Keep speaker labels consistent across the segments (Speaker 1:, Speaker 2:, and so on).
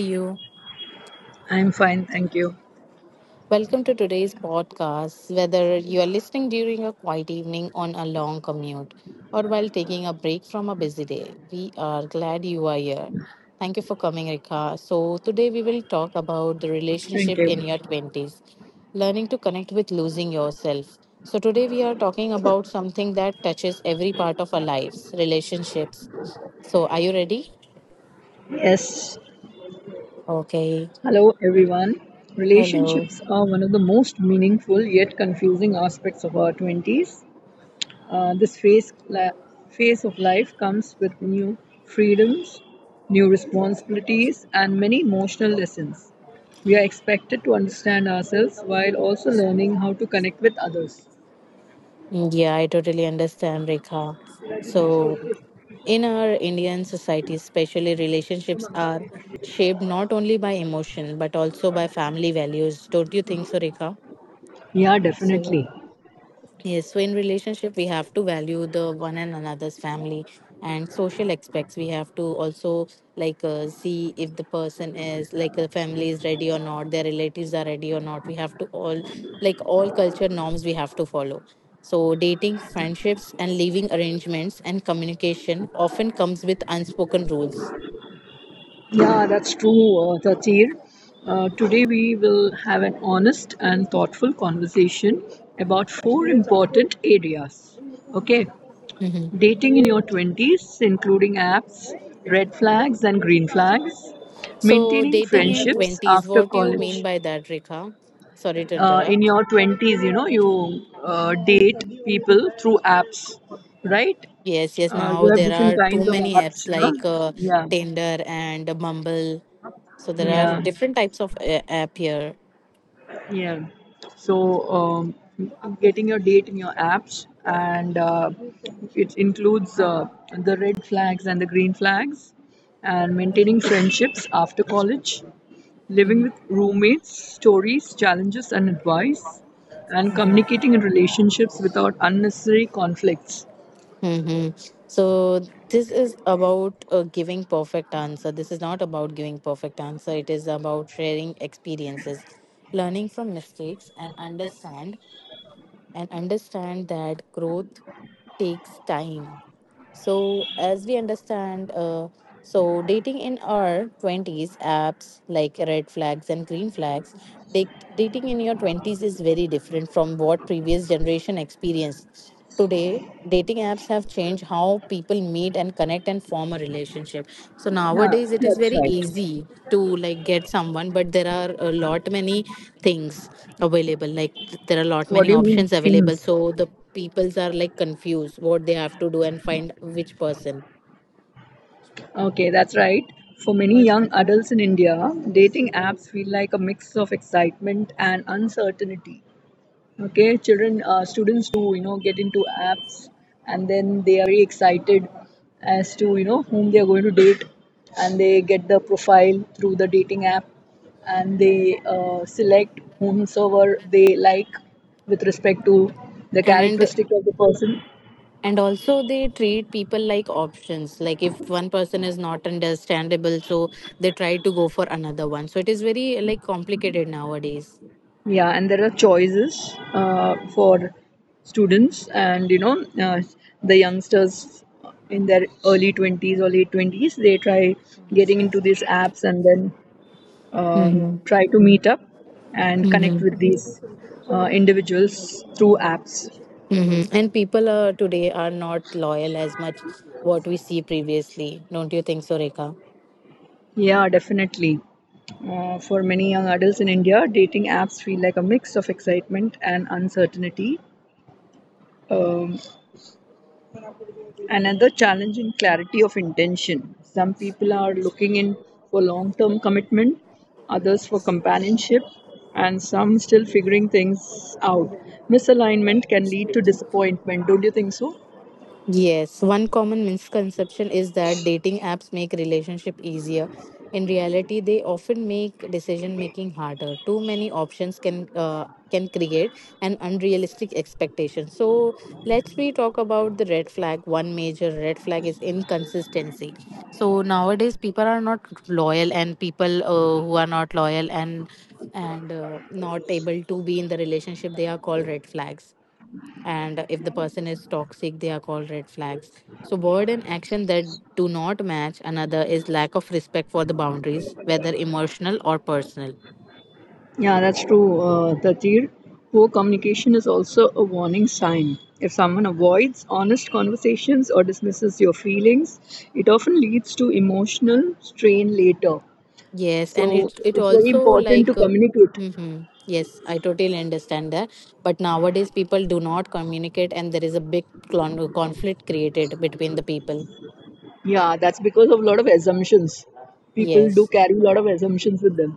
Speaker 1: you?
Speaker 2: I'm fine, thank you.
Speaker 1: Welcome to today's podcast. Whether you are listening during a quiet evening, on a long commute, or while taking a break from a busy day, we are glad you are here. Thank you for coming, Rika. So, today we will talk about the
Speaker 2: Thank
Speaker 1: relationship
Speaker 2: you.
Speaker 1: in your 20s, learning to connect with losing yourself. So, today we are talking about something that touches every part of our lives: relationships. So, are you ready?
Speaker 2: Yes.
Speaker 1: Okay.
Speaker 2: Hello, everyone.
Speaker 1: Hello.
Speaker 2: Relationships are one of the most meaningful yet confusing aspects of our 20s. This phase of life comes with new freedoms, new responsibilities, and many emotional lessons. We are expected to understand ourselves while also learning how to connect with others.
Speaker 1: Yeah, I totally understand, Rekha. So, in our Indian society especially, relationships are shaped not only by emotion but also by family values. Don't you think so, Rekha?
Speaker 2: Yeah,
Speaker 1: So.
Speaker 2: definitely.
Speaker 1: Yes, so in relationship, we have to value the one and another's family and social aspects. We have to also like see if the person is like, the family is ready or not, their relatives are ready or not. We have to all like all culture norms we have to follow. So dating, friendships, and living arrangements and communication often comes with unspoken rules.
Speaker 2: Yeah, that's true, Tatir. Today we will have an honest and thoughtful conversation about four important areas. Okay,
Speaker 1: Hmm.
Speaker 2: dating in your 20s, including apps, red flags, and green flags,
Speaker 1: So
Speaker 2: maintaining
Speaker 1: dating in
Speaker 2: friendships
Speaker 1: twenties,
Speaker 2: after
Speaker 1: what do you mean
Speaker 2: college.
Speaker 1: by that, Rekha? Sorry to
Speaker 2: In
Speaker 1: interrupt.
Speaker 2: your 20s, you date people through apps, right?
Speaker 1: Yes, yes.
Speaker 2: You
Speaker 1: Now
Speaker 2: have
Speaker 1: there
Speaker 2: different
Speaker 1: are too
Speaker 2: kinds of
Speaker 1: many
Speaker 2: apps,
Speaker 1: apps
Speaker 2: you know?
Speaker 1: like
Speaker 2: Yeah,
Speaker 1: Tinder and Bumble. So there are
Speaker 2: yeah.
Speaker 1: different types of app here.
Speaker 2: Yeah. So um, getting your date in your apps and it includes the red flags and the green flags and maintaining friendships after college, living with roommates, stories, challenges, and advice, and communicating in relationships without unnecessary conflicts.
Speaker 1: Mm-hmm. So this is about giving perfect answer. This is not about giving perfect answer. It is about sharing experiences, learning from mistakes, and understand that growth takes time. So, as we understand, so dating in our 20s, apps like red flags and green flags, date, dating in your 20s is very different from what previous generation experienced. Today, dating apps have changed how people meet and connect and form a relationship. So
Speaker 2: Yeah,
Speaker 1: nowadays, it is
Speaker 2: that's
Speaker 1: very
Speaker 2: right.
Speaker 1: easy to like get someone, but there are a lot many things available. Like there are a lot
Speaker 2: What
Speaker 1: many
Speaker 2: do you mean,
Speaker 1: options available.
Speaker 2: things?
Speaker 1: So the peoples are like confused what they have to do and find which person.
Speaker 2: Okay, that's right. For many young adults in India, dating apps feel like a mix of excitement and uncertainty. Okay, children, students do you know get into apps, and then they are very excited as to whom they are going to date, and they get the profile through the dating app, and they select whomsoever they like with respect to the
Speaker 1: And
Speaker 2: characteristic of the person.
Speaker 1: and also they treat people like options, like if one person is not understandable, so they try to go for another one. So it is very like complicated nowadays.
Speaker 2: Yeah, and there are choices for students, and the youngsters in their early 20s or late 20s, they try getting into these apps and then uh, try to meet up and
Speaker 1: Hmm. Hmm.
Speaker 2: connect with these individuals through apps.
Speaker 1: And people today are not loyal as much what we see previously. Don't you think so, Rekha?
Speaker 2: Yeah, definitely. For many young adults in India, dating apps feel like a mix of excitement and uncertainty. Um, Another challenge in clarity of intention. Some people are looking in for long term commitment, others for companionship, and some still figuring things out. Misalignment can lead to disappointment, don't you think so?
Speaker 1: Yes. One common misconception is that dating apps make relationship easier. In reality, they often make decision making harder. Too many options can create an unrealistic expectation. So let's we talk about the red flag. One major red flag is inconsistency. So nowadays people are not loyal, and people who are not loyal and not able to be in the relationship, they are called red flags. And if the person is toxic, they are called red flags. So word and action that do not match, another is lack of respect for the boundaries, whether emotional or personal.
Speaker 2: Yeah, that's true, Tatir. Poor communication is also a warning sign. If someone avoids honest conversations or dismisses your feelings, it often leads to emotional strain later.
Speaker 1: Yes, and
Speaker 2: So
Speaker 1: it
Speaker 2: it's very
Speaker 1: also
Speaker 2: important to
Speaker 1: like
Speaker 2: communicate.
Speaker 1: mhm. Yes, I totally understand that. But nowadays people do not communicate, and there is a big conflict created between the people.
Speaker 2: Yeah, that's because of a lot of assumptions. People do
Speaker 1: Yes.
Speaker 2: carry a lot of assumptions with them.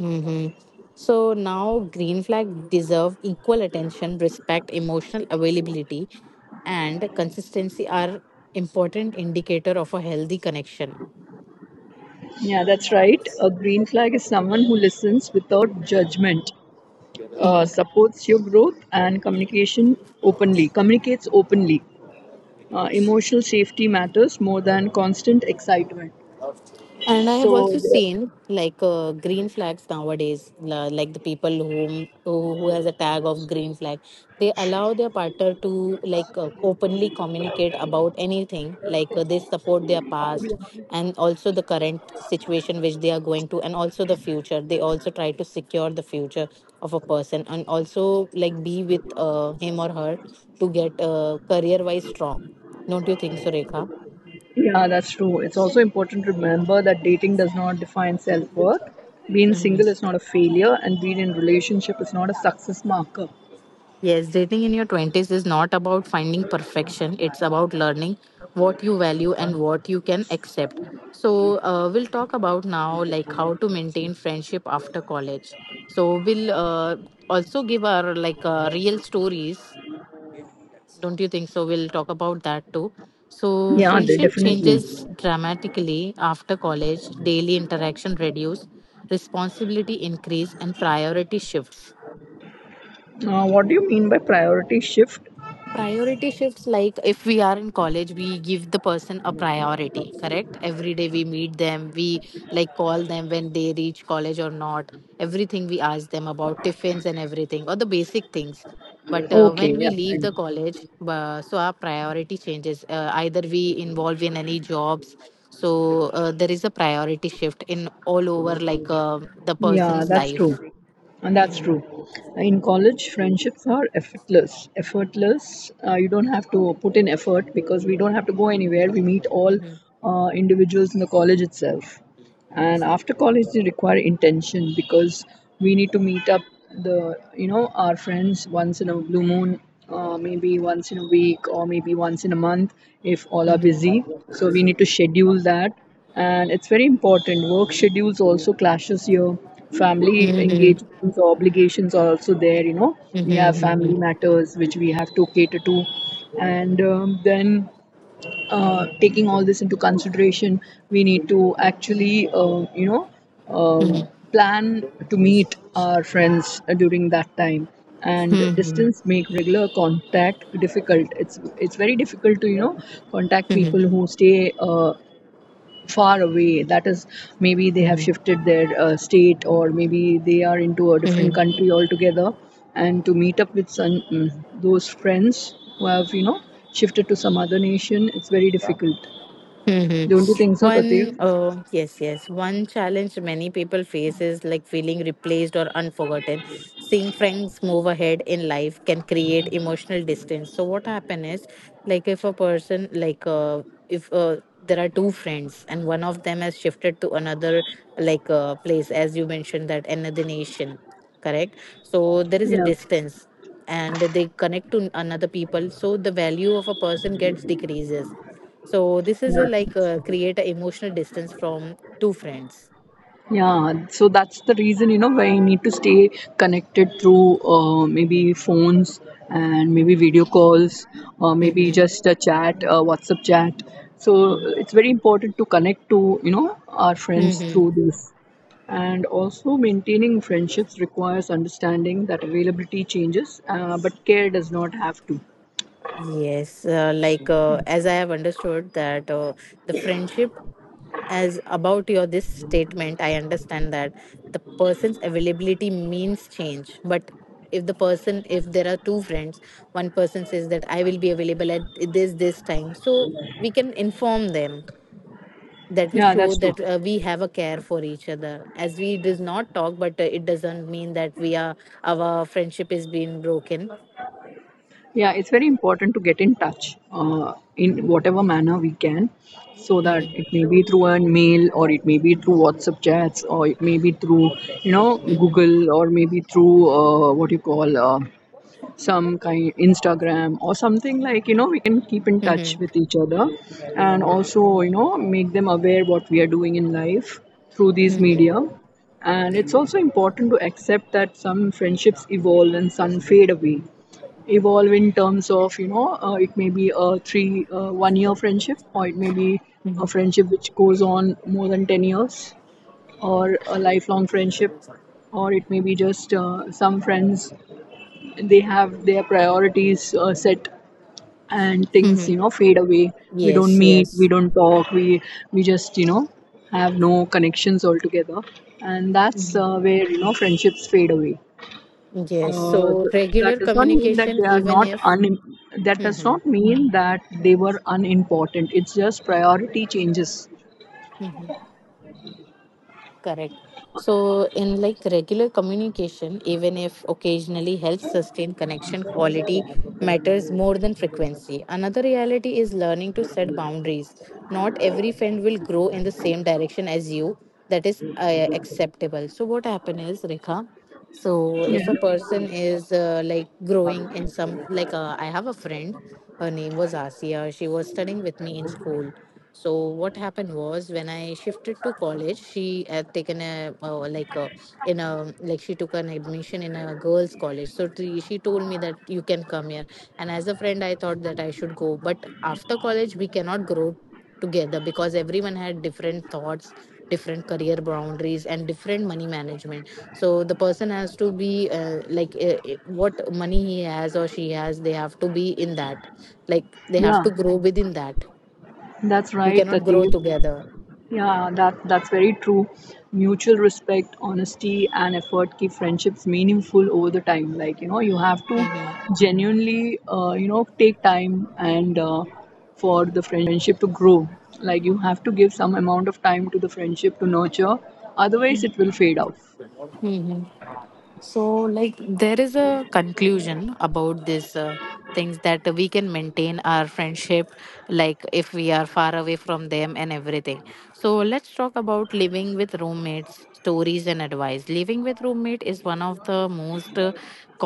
Speaker 1: Mm-hmm. So now green flag deserve equal attention. Respect, emotional availability, and consistency are important indicator of a healthy connection.
Speaker 2: Yeah, that's right. A green flag is someone who listens without judgment,
Speaker 1: Mm-hmm.
Speaker 2: supports your growth and communicates openly. Emotional safety matters more than constant excitement.
Speaker 1: And I have
Speaker 2: So,
Speaker 1: also seen like green flags nowadays, like the people who has a tag of green flag, they allow their partner to like openly communicate about anything. Like they support their past and also the current situation which they are going to, and also the future. They also try to secure the future of a person and also like be with him or her to get career wise strong. Don't you think so, Rekha?
Speaker 2: yeah, that's true. It's also important to remember that dating does not define self worth. Being single is not a failure, and being in relationship is not a success marker.
Speaker 1: Yes, dating in your 20s is not about finding perfection. It's about learning what you value and what you can accept. So, we'll talk about now like how to maintain friendship after college. So, we'll also give our like real stories. Don't you think so? We'll talk about that too. So,
Speaker 2: Yeah, they
Speaker 1: friendship
Speaker 2: definitely.
Speaker 1: changes dramatically after college. Daily interaction reduce, responsibility increase, and priority shifts.
Speaker 2: What do you mean by priority shift?
Speaker 1: Priority shifts, like if we are in college, we give the person a priority, correct? Every day we meet them, we like call them when they reach college or not, everything we ask them about tiffins and everything, or the basic things. But
Speaker 2: Okay,
Speaker 1: when we
Speaker 2: yeah,
Speaker 1: leave
Speaker 2: fine.
Speaker 1: the college, so our priority changes. Either we involve in any jobs, so there is a priority shift in all over like the
Speaker 2: Yeah,
Speaker 1: person's
Speaker 2: that's
Speaker 1: life.
Speaker 2: true. And that's
Speaker 1: Mhm,
Speaker 2: true. In college, friendships are effortless. Effortless. You don't have to put in effort because we don't have to go anywhere. We meet all
Speaker 1: mhm,
Speaker 2: individuals in the college itself, and after college they require intention because we need to meet up the you know our friends once in a blue moon, maybe once in a week or maybe once in a month. If all are busy,
Speaker 1: mhm,
Speaker 2: so we need to schedule that, and it's very important. Work schedules also clashes here. Family
Speaker 1: mhm, mhm,
Speaker 2: engagements or obligations are also there. We have
Speaker 1: mhm,
Speaker 2: family
Speaker 1: mhm,
Speaker 2: matters which we have to cater to, and then taking all this into consideration, we need to actually,
Speaker 1: mhm.
Speaker 2: plan to meet our friends during that time. And
Speaker 1: Mhm.
Speaker 2: distance make regular contact difficult. It's very difficult to contact
Speaker 1: Mhm.
Speaker 2: people who stay far away, that is maybe they have
Speaker 1: Mhm.
Speaker 2: shifted their state or maybe they are into a different
Speaker 1: Mhm.
Speaker 2: country altogether, and to meet up with those friends who have shifted to some other nation, it's very difficult.
Speaker 1: Hmm.
Speaker 2: Don't you think so, Tatev?
Speaker 1: One, oh, yes, yes. One challenge many people face is like feeling replaced or unforgotten. Seeing friends move ahead in life can create emotional distance. So, what happen is, like, if a person, like, if there are two friends and one of them has shifted to another, like, place, as you mentioned, that another nation, correct? So, there is a
Speaker 2: Yeah,
Speaker 1: distance and they connect to another people, so the value of a person gets decreases. So this is a,
Speaker 2: yeah.
Speaker 1: like create an emotional distance from two friends.
Speaker 2: Yeah, so that's the reason, you know, why you need to stay connected through maybe phones and maybe
Speaker 1: Mm-hmm.
Speaker 2: video calls or maybe just a chat, WhatsApp chat. So
Speaker 1: Hmm.
Speaker 2: it's very important to connect to, you know, our friends
Speaker 1: Hmm.
Speaker 2: through this. And also, maintaining friendships requires understanding that availability changes, but care does not have to.
Speaker 1: Yes, like as I have understood that the friendship as about your this statement, I understand that the person's availability means change. But if the person, if there are two friends, one person says that I will be available at this this time, so we can inform them that we
Speaker 2: Yeah,
Speaker 1: show
Speaker 2: that's true.
Speaker 1: that we have a care for each other, as we does not talk. But it doesn't mean that we are our friendship is being broken.
Speaker 2: Yeah, it's very important to get in touch in whatever manner we can, so that it
Speaker 1: Mm-hmm.
Speaker 2: may be through a mail or it may be through WhatsApp chats or it may be through
Speaker 1: Mm-hmm.
Speaker 2: Google or maybe through what you call some kind Instagram or something like we can keep in touch
Speaker 1: Mm-hmm.
Speaker 2: with each other and also make them aware what we are doing in life through these
Speaker 1: Mm-hmm.
Speaker 2: media. And it's also important to accept that some friendships evolve and some fade away. Evolve in terms of, it may be a three 1 year friendship, or it may be
Speaker 1: Mm-hmm.
Speaker 2: a friendship which goes on more than 10 years, or a lifelong friendship, or it may be just some friends they have their priorities set and things
Speaker 1: Mm-hmm.
Speaker 2: fade away. We don't
Speaker 1: Yes,
Speaker 2: meet, we
Speaker 1: yes,
Speaker 2: don't talk, we just have no connections altogether, and that's where friendships fade away.
Speaker 1: yes.
Speaker 2: uh,
Speaker 1: So
Speaker 2: th- that
Speaker 1: regular
Speaker 2: does not mean that
Speaker 1: communication,
Speaker 2: they are
Speaker 1: even
Speaker 2: not
Speaker 1: if
Speaker 2: un, that does
Speaker 1: mm-hmm.
Speaker 2: not mean that they were unimportant. It's just priority changes.
Speaker 1: Mm-hmm. Correct. So, in like regular communication, even if occasionally, helps sustain connection. Quality matters more than frequency. Another reality is learning to set boundaries. Not every friend will grow in the same direction as you. That is acceptable. So, what happen is, Rekha, so
Speaker 2: Yeah,
Speaker 1: if a person is like growing in some, like I have a friend, her name was Asia, she was studying with me in school. So what happened was when I shifted to college, she had taken a like a in a like, she took an admission in a girls' college. So she told me that you can come here, and as a friend, I thought that I should go. But after college, we cannot grow together because everyone had different thoughts, different career boundaries, and different money management. So the person has to be like what money he has or she has, they have to be in that, like they have
Speaker 2: yeah,
Speaker 1: to grow within that.
Speaker 2: that's
Speaker 1: We
Speaker 2: right,
Speaker 1: cannot grow
Speaker 2: Tateev.
Speaker 1: together.
Speaker 2: That's very true. Mutual respect, honesty and effort keep friendships meaningful over the time. Like, you know, you have to
Speaker 1: Mm-hmm.
Speaker 2: genuinely take time and for the friendship to grow. Like, you have to give some amount of time to the friendship to nurture, otherwise it will fade out.
Speaker 1: Hmm. So, like, there is a conclusion about this things, that we can maintain our friendship, like if we are far away from them and everything. So, let's talk about living with roommates, stories, and advice. Living with roommate is one of the most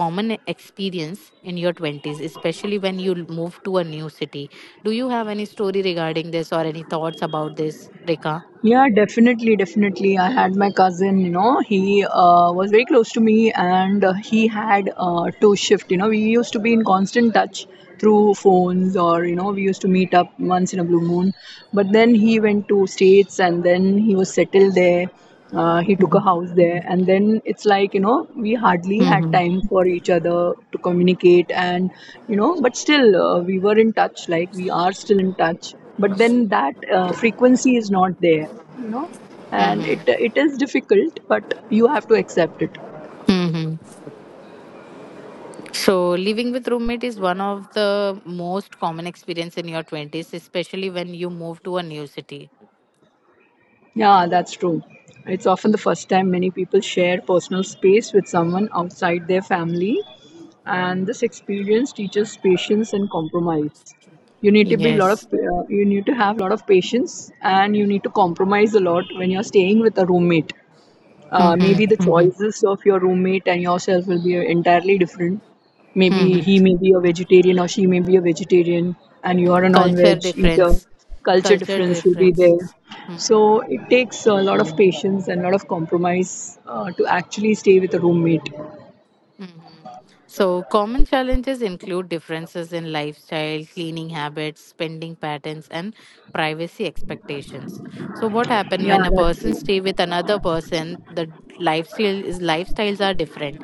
Speaker 1: common experience in your 20s, especially when you move to a new city. Do you have any story regarding this, or any thoughts about this, Rika?
Speaker 2: Yeah, definitely, definitely. I had my cousin, you know, he was very close to me, and he had two shift, you know, we used to be in constant touch through phones or, you know, we used to meet up once in a blue moon. But then he went to States and then he was settled there. He took a house there and then it's like, you know, we hardly had
Speaker 1: Mm-hmm.
Speaker 2: time for each other to communicate. And, you know, but still we were in touch. Like, we are still in touch, but then that frequency is not there, you know, and it
Speaker 1: Hmm.
Speaker 2: it is difficult, but you have to accept it.
Speaker 1: Hmm. So, living with roommate is one of the most common experience in your 20s, especially when you move to a new city.
Speaker 2: Yeah, that's true. It's often the first time many people share personal space with someone outside their family, and this experience teaches patience and compromise. You need to be lot of,
Speaker 1: Yes.
Speaker 2: you need to have a lot of patience, and you need to compromise a lot when you're staying with a roommate. uh,
Speaker 1: Mm-hmm.
Speaker 2: maybe the
Speaker 1: Mm-hmm.
Speaker 2: choices of your roommate and yourself will be entirely different. Maybe
Speaker 1: Mm-hmm.
Speaker 2: he may be a vegetarian or she may be a vegetarian, and you are a
Speaker 1: Culture
Speaker 2: non-veg eater.
Speaker 1: difference.
Speaker 2: Culture
Speaker 1: Culture
Speaker 2: difference will be there.
Speaker 1: differences. Mm-hmm.
Speaker 2: So it takes a lot of patience and a lot of compromise to actually stay with a roommate.
Speaker 1: Mhm. So, common challenges include differences in lifestyle, cleaning habits, spending patterns, and privacy expectations. So, what happens
Speaker 2: Yeah,
Speaker 1: when a person
Speaker 2: that,
Speaker 1: stay with another person? The lifestyle is, lifestyles are different,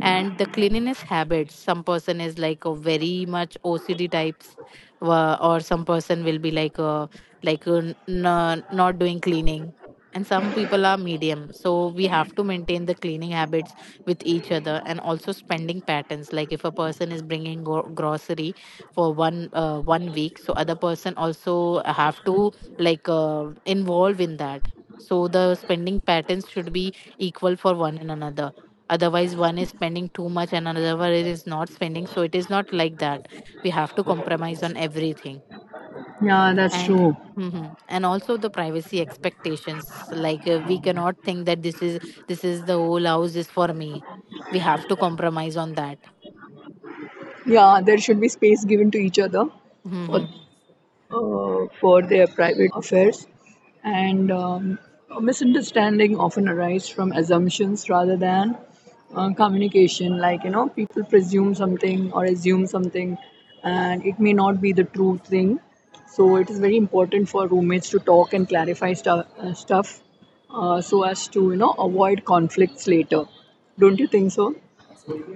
Speaker 1: and the cleanliness habits. Some person is like a very much OCD types, or some person will be like a not doing cleaning, and some people are medium. So we have to maintain the cleaning habits with each other. And also spending patterns, like if a person is bringing grocery for one 1 week, so other person also have to like involve in that. So the spending patterns should be equal for one and another. Otherwise one is spending too much and another one is not spending, so it is not like that. We have to compromise on everything.
Speaker 2: yeah, that's
Speaker 1: And
Speaker 2: true.
Speaker 1: Mhm. and also the privacy expectations, like we cannot think that this is, this is the whole house is for me. We have to compromise on that.
Speaker 2: Yeah, there should be space given to each other for
Speaker 1: Mhm.
Speaker 2: for their private affairs. And a misunderstanding often arise from assumptions rather than communication. Like, you know, people presume something or assume something, and it may not be the true thing. So, it is very important for roommates to talk and clarify stuff so as to, you know, avoid conflicts later. Don't you think so?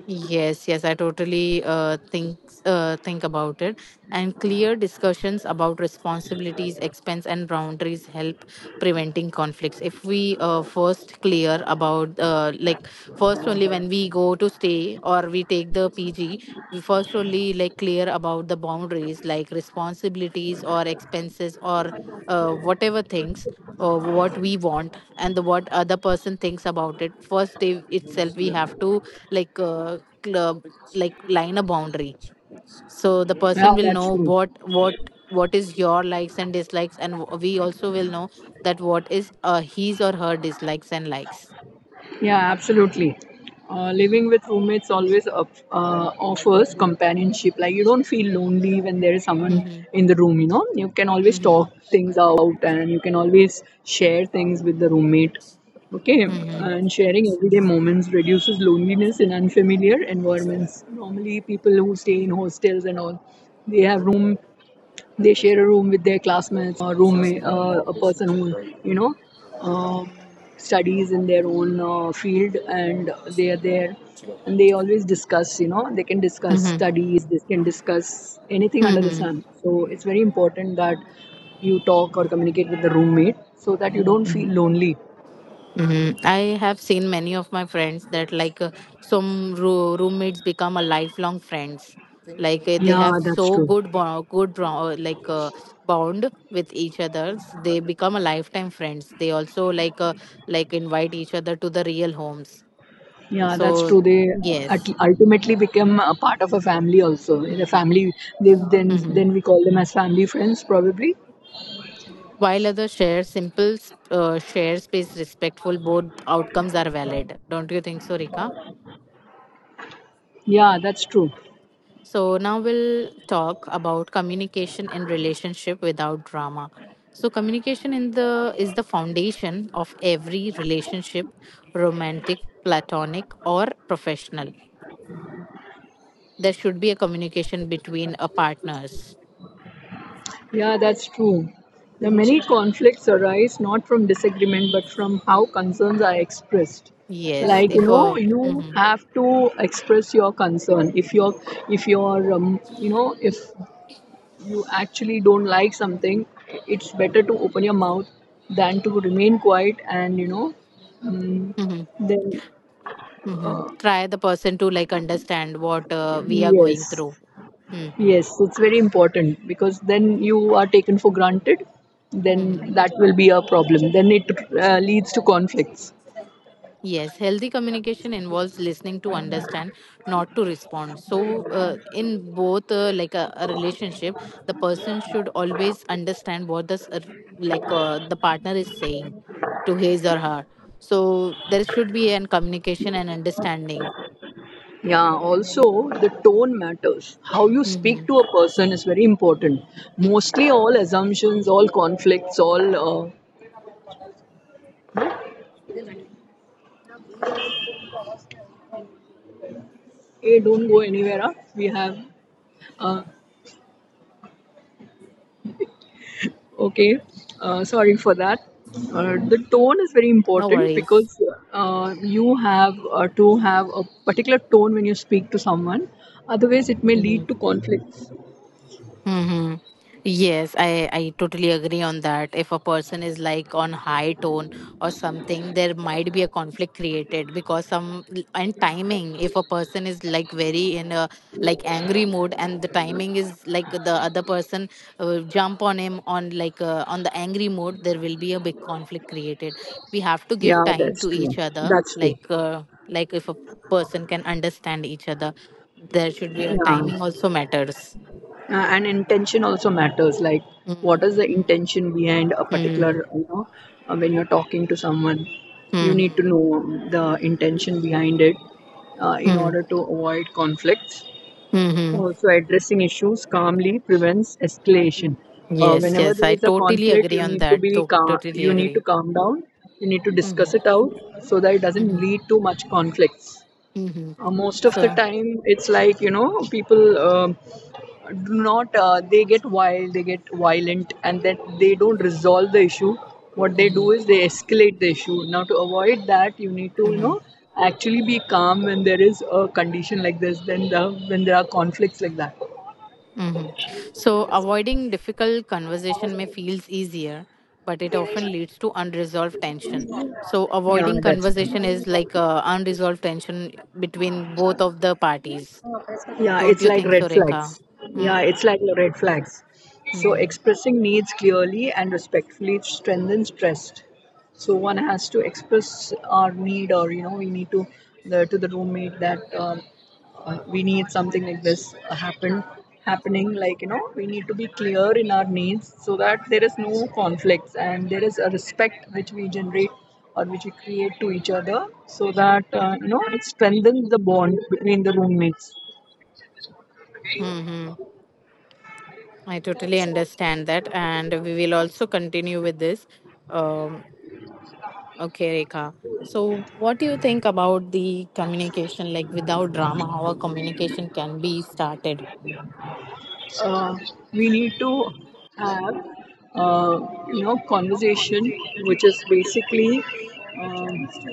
Speaker 1: Yes, yes, I totally think about it. And clear discussions about responsibilities, expense, and boundaries help preventing conflicts. If we first clear about, first only when we go to stay or we take the PG, we first only like clear about the boundaries, like responsibilities or expenses or whatever things or what we want and the what other person thinks about it first day itself we have to like cl- uh, line a boundary so the
Speaker 2: Yeah,
Speaker 1: person will
Speaker 2: that's
Speaker 1: know
Speaker 2: true.
Speaker 1: what what is your likes and dislikes and we also will know that what is his or her dislikes and likes.
Speaker 2: Yeah, absolutely. Living with roommates always offers companionship. Like, you don't feel lonely when there is someone
Speaker 1: Mm-hmm.
Speaker 2: in the room. You know, you can always
Speaker 1: Mm-hmm.
Speaker 2: talk things out, and you can always share things with the roommate. Okay,
Speaker 1: Mm-hmm.
Speaker 2: and sharing everyday moments reduces loneliness in unfamiliar environments. Normally, people who stay in hostels and all, they have room they share a room with their classmates or roommate, a person who you know um, studies in their own field, and they are there, and they always discuss. You know, they can
Speaker 1: Mm-hmm.
Speaker 2: discuss
Speaker 1: Mm-hmm.
Speaker 2: studies. They can discuss anything under the
Speaker 1: Mm-hmm.
Speaker 2: sun. So it's very important that you talk or communicate with the roommate so that you don't feel lonely.
Speaker 1: Mhm. I have seen many of my friends that like some roommates become a lifelong friends. Like they
Speaker 2: Yeah,
Speaker 1: have
Speaker 2: that's
Speaker 1: so
Speaker 2: true.
Speaker 1: good bond, good bond with each other. They become a lifetime friends. They also like invite each other to the real homes.
Speaker 2: Yeah, that's
Speaker 1: So
Speaker 2: true. They
Speaker 1: yes.
Speaker 2: ultimately become a part of a family also. In a family,
Speaker 1: Mm-hmm.
Speaker 2: they,
Speaker 1: Mm-hmm.
Speaker 2: then we call them as family friends probably.
Speaker 1: While others share simple, share space respectful, both outcomes are valid. Don't you think so, Rika?
Speaker 2: Yeah, that's true.
Speaker 1: So now we'll talk about communication in relationship without drama. So communication in the is the foundation of every relationship, romantic, platonic or professional. There should be a communication between a partners.
Speaker 2: Yeah, that's true. The many conflicts arise not from disagreement but from how concerns are expressed.
Speaker 1: Yes,
Speaker 2: Like, you
Speaker 1: if
Speaker 2: know,
Speaker 1: a
Speaker 2: you have to express your concern. If you know, if you actually don't like something, it's better to open your mouth than to remain quiet, and you know,
Speaker 1: hmm
Speaker 2: then
Speaker 1: try the person to like understand what we are going
Speaker 2: yes,
Speaker 1: through. hmm
Speaker 2: yes, it's very important, because then you are taken for granted.
Speaker 1: hmm
Speaker 2: Then that will be a problem. Then it leads to conflicts.
Speaker 1: Yes, healthy communication involves listening to understand, not to respond. So, in both like a relationship, the person should always understand what the the partner is saying to his or her. So there should be an communication and understanding.
Speaker 2: Yeah, also the tone matters. How you speak
Speaker 1: Hmm.
Speaker 2: to a person is very important. Mostly all assumptions, all conflicts, all, hey, don't go anywhere. Huh? We have uh, okay, sorry for that. The tone is very
Speaker 1: No
Speaker 2: important
Speaker 1: worries.
Speaker 2: because you have to have a particular tone when you speak to someone. Otherwise, it may
Speaker 1: Mm-hmm.
Speaker 2: lead to conflicts.
Speaker 1: Mm-hmm. Yes, I totally agree on that. If a person is like on high tone or something, there might be a conflict created because some and timing. If a person is like very in a like angry mood and the timing is like the other person jump on him on like on the angry mode, there will be a big conflict created. We have to give
Speaker 2: Yeah,
Speaker 1: time
Speaker 2: that's
Speaker 1: to
Speaker 2: true.
Speaker 1: each other.
Speaker 2: That's true.
Speaker 1: Like if a person can understand each other, there should be a
Speaker 2: Yeah.
Speaker 1: timing also matters.
Speaker 2: And intention also matters. Like, what is the
Speaker 1: Mhm,
Speaker 2: intention behind a
Speaker 1: mhm,
Speaker 2: particular, you know, when you're talking to someone, you
Speaker 1: mhm,
Speaker 2: need to know the intention behind it in
Speaker 1: mhm,
Speaker 2: order to avoid conflicts.
Speaker 1: mhm.
Speaker 2: Also, addressing issues calmly prevents escalation. Uh,
Speaker 1: Yes,
Speaker 2: whenever
Speaker 1: yes,
Speaker 2: there
Speaker 1: I
Speaker 2: is a
Speaker 1: totally
Speaker 2: conflict,
Speaker 1: agree
Speaker 2: you
Speaker 1: on
Speaker 2: need to
Speaker 1: that.
Speaker 2: be calm,
Speaker 1: Totally
Speaker 2: you need to
Speaker 1: agree.
Speaker 2: calm down. You need to
Speaker 1: Mhm,
Speaker 2: discuss it out so that it doesn't
Speaker 1: mhm,
Speaker 2: lead to much conflicts.
Speaker 1: mhm.
Speaker 2: Most of the
Speaker 1: So,
Speaker 2: time, it's like, you know, people do not. They get wild, they get violent, and then they don't resolve the issue. What they do
Speaker 1: mhm,
Speaker 2: is they escalate the issue. Now, to avoid that, you need to, you
Speaker 1: mhm,
Speaker 2: know, actually be calm when there is a condition like this. Then the, when there are conflicts like that.
Speaker 1: mhm. So avoiding difficult conversation may feels easier, but it often leads to unresolved tension. So,
Speaker 2: Yeah,
Speaker 1: avoiding
Speaker 2: that's
Speaker 1: conversation
Speaker 2: true.
Speaker 1: is like unresolved tension between both of the parties.
Speaker 2: Yeah,
Speaker 1: Don't
Speaker 2: it's
Speaker 1: you
Speaker 2: like
Speaker 1: think
Speaker 2: red
Speaker 1: so, Rekha?
Speaker 2: flags. Yeah, it's like red flags. So
Speaker 1: Mm-hmm.
Speaker 2: expressing needs clearly and respectfully strengthens trust. So one has to express our need, or, you know, we need to, the, to the roommate that we need something like this happening. Like, you know, we need to be clear in our needs so that there is no conflicts, and there is a respect which we generate or which we create to each other, so that you know, it strengthens the bond between the roommates.
Speaker 1: Mm-hmm. I totally understand that, and we will also continue with this. Um, okay, Rekha. So, what do you think about the communication, like without drama, how a communication can be started?
Speaker 2: Uh, we need to have uh, you know, conversation which is basically um,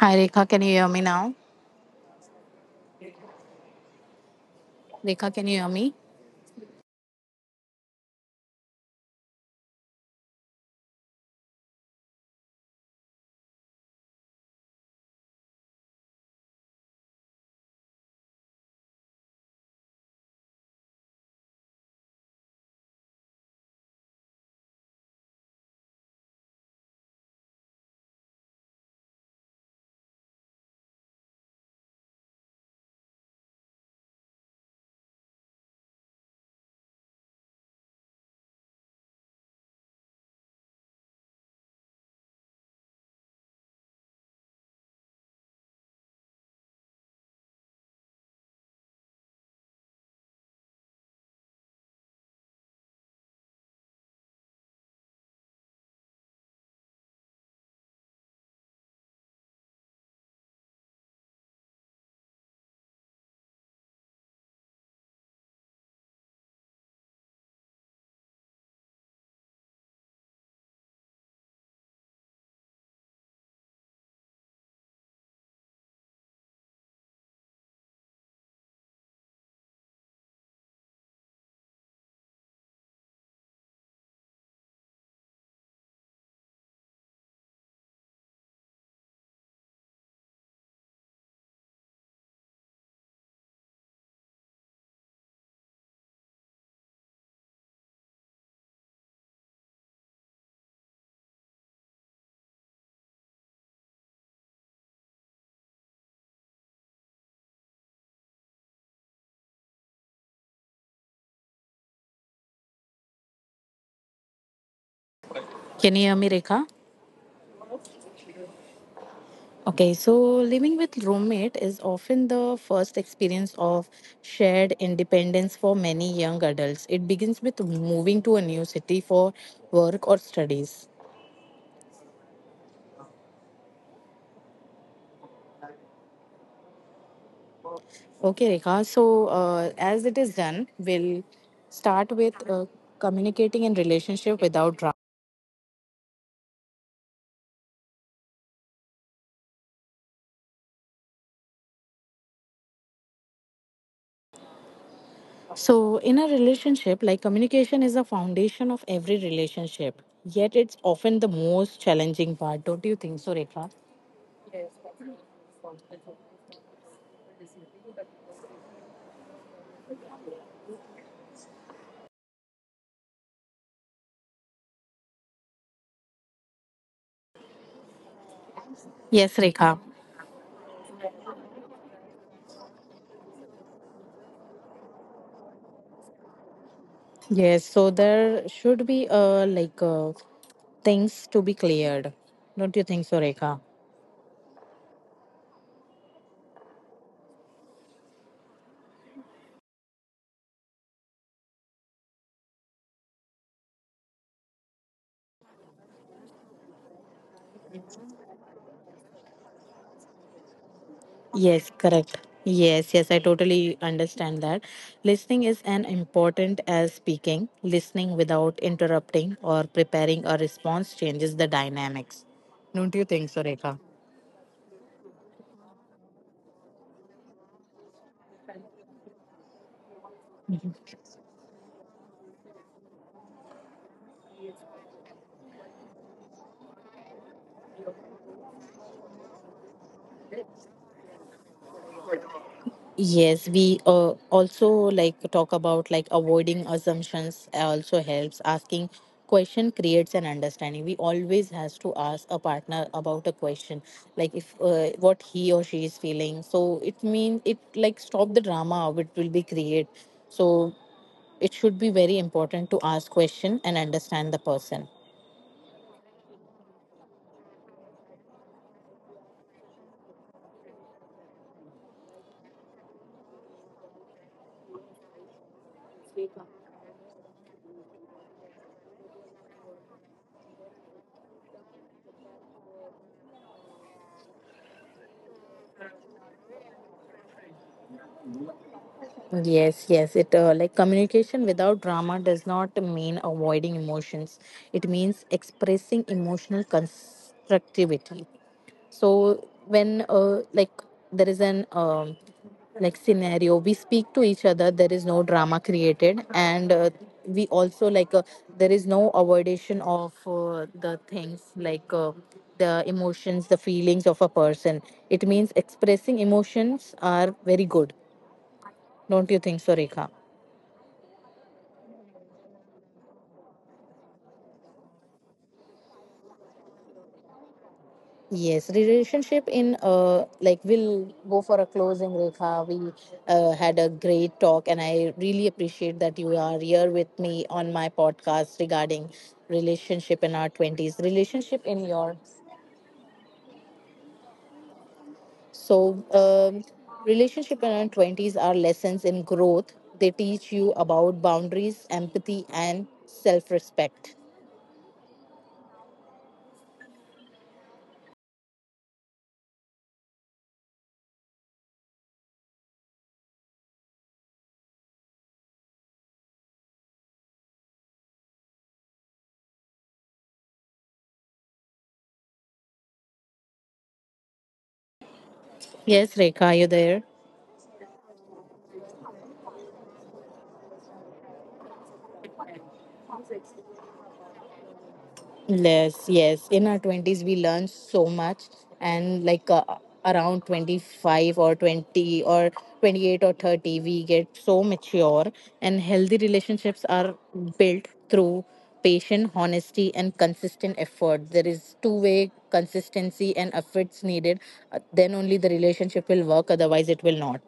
Speaker 1: Hi, Rekha. Can you hear me now? Rekha, can you hear me? Can you hear me, Rekha? Okay, so living with roommate is often the first experience of shared independence for many young adults. It begins with moving to a new city for work or studies. Okay, Rekha. So, as it is done, we'll start with communicating in relationship without drama. So, in a relationship, like communication is the foundation of every relationship. Yet, it's often the most challenging part. Don't you think so, Rekha? Yes, Rekha. Yes. So there should be things to be cleared. Don't you think so, Rekha? Yes, correct. Yes, yes, I totally understand that. Listening is as important as speaking. Listening without interrupting or preparing a response changes the dynamics. Don't you think so, Rekha? Yes, we also like talk about like avoiding assumptions also helps. Asking question creates an understanding. We always has to ask a partner about a question, like if what he or she is feeling. So it means it like stop the drama which will be create. So it should be very important to ask question and understand the person. Yes, yes. It like Communication without drama does not mean avoiding emotions. It means expressing emotional constructivity. So when there is an scenario, we speak to each other. There is no drama created, and we also like there is no avoidation of the things like. The emotions the feelings of a person it means expressing emotions are very good don't you think so, Rekha? Yes, relationship in we'll go for a closing, Rekha. We had a great talk, and I really appreciate that you are here with me on my podcast regarding relationship in our twenties, relationship in your so um, relationship in our twenties are lessons in growth. They teach you about boundaries, empathy, and self-respect. Yes, Rekha, are you there? Yes, yes. In our 20s, we learn so much, and like around 25 or 20 or 28 or 30, we get so mature, and healthy relationships are built through patient honesty and consistent effort there is two-way consistency and efforts needed. Then only the relationship will work otherwise it will not.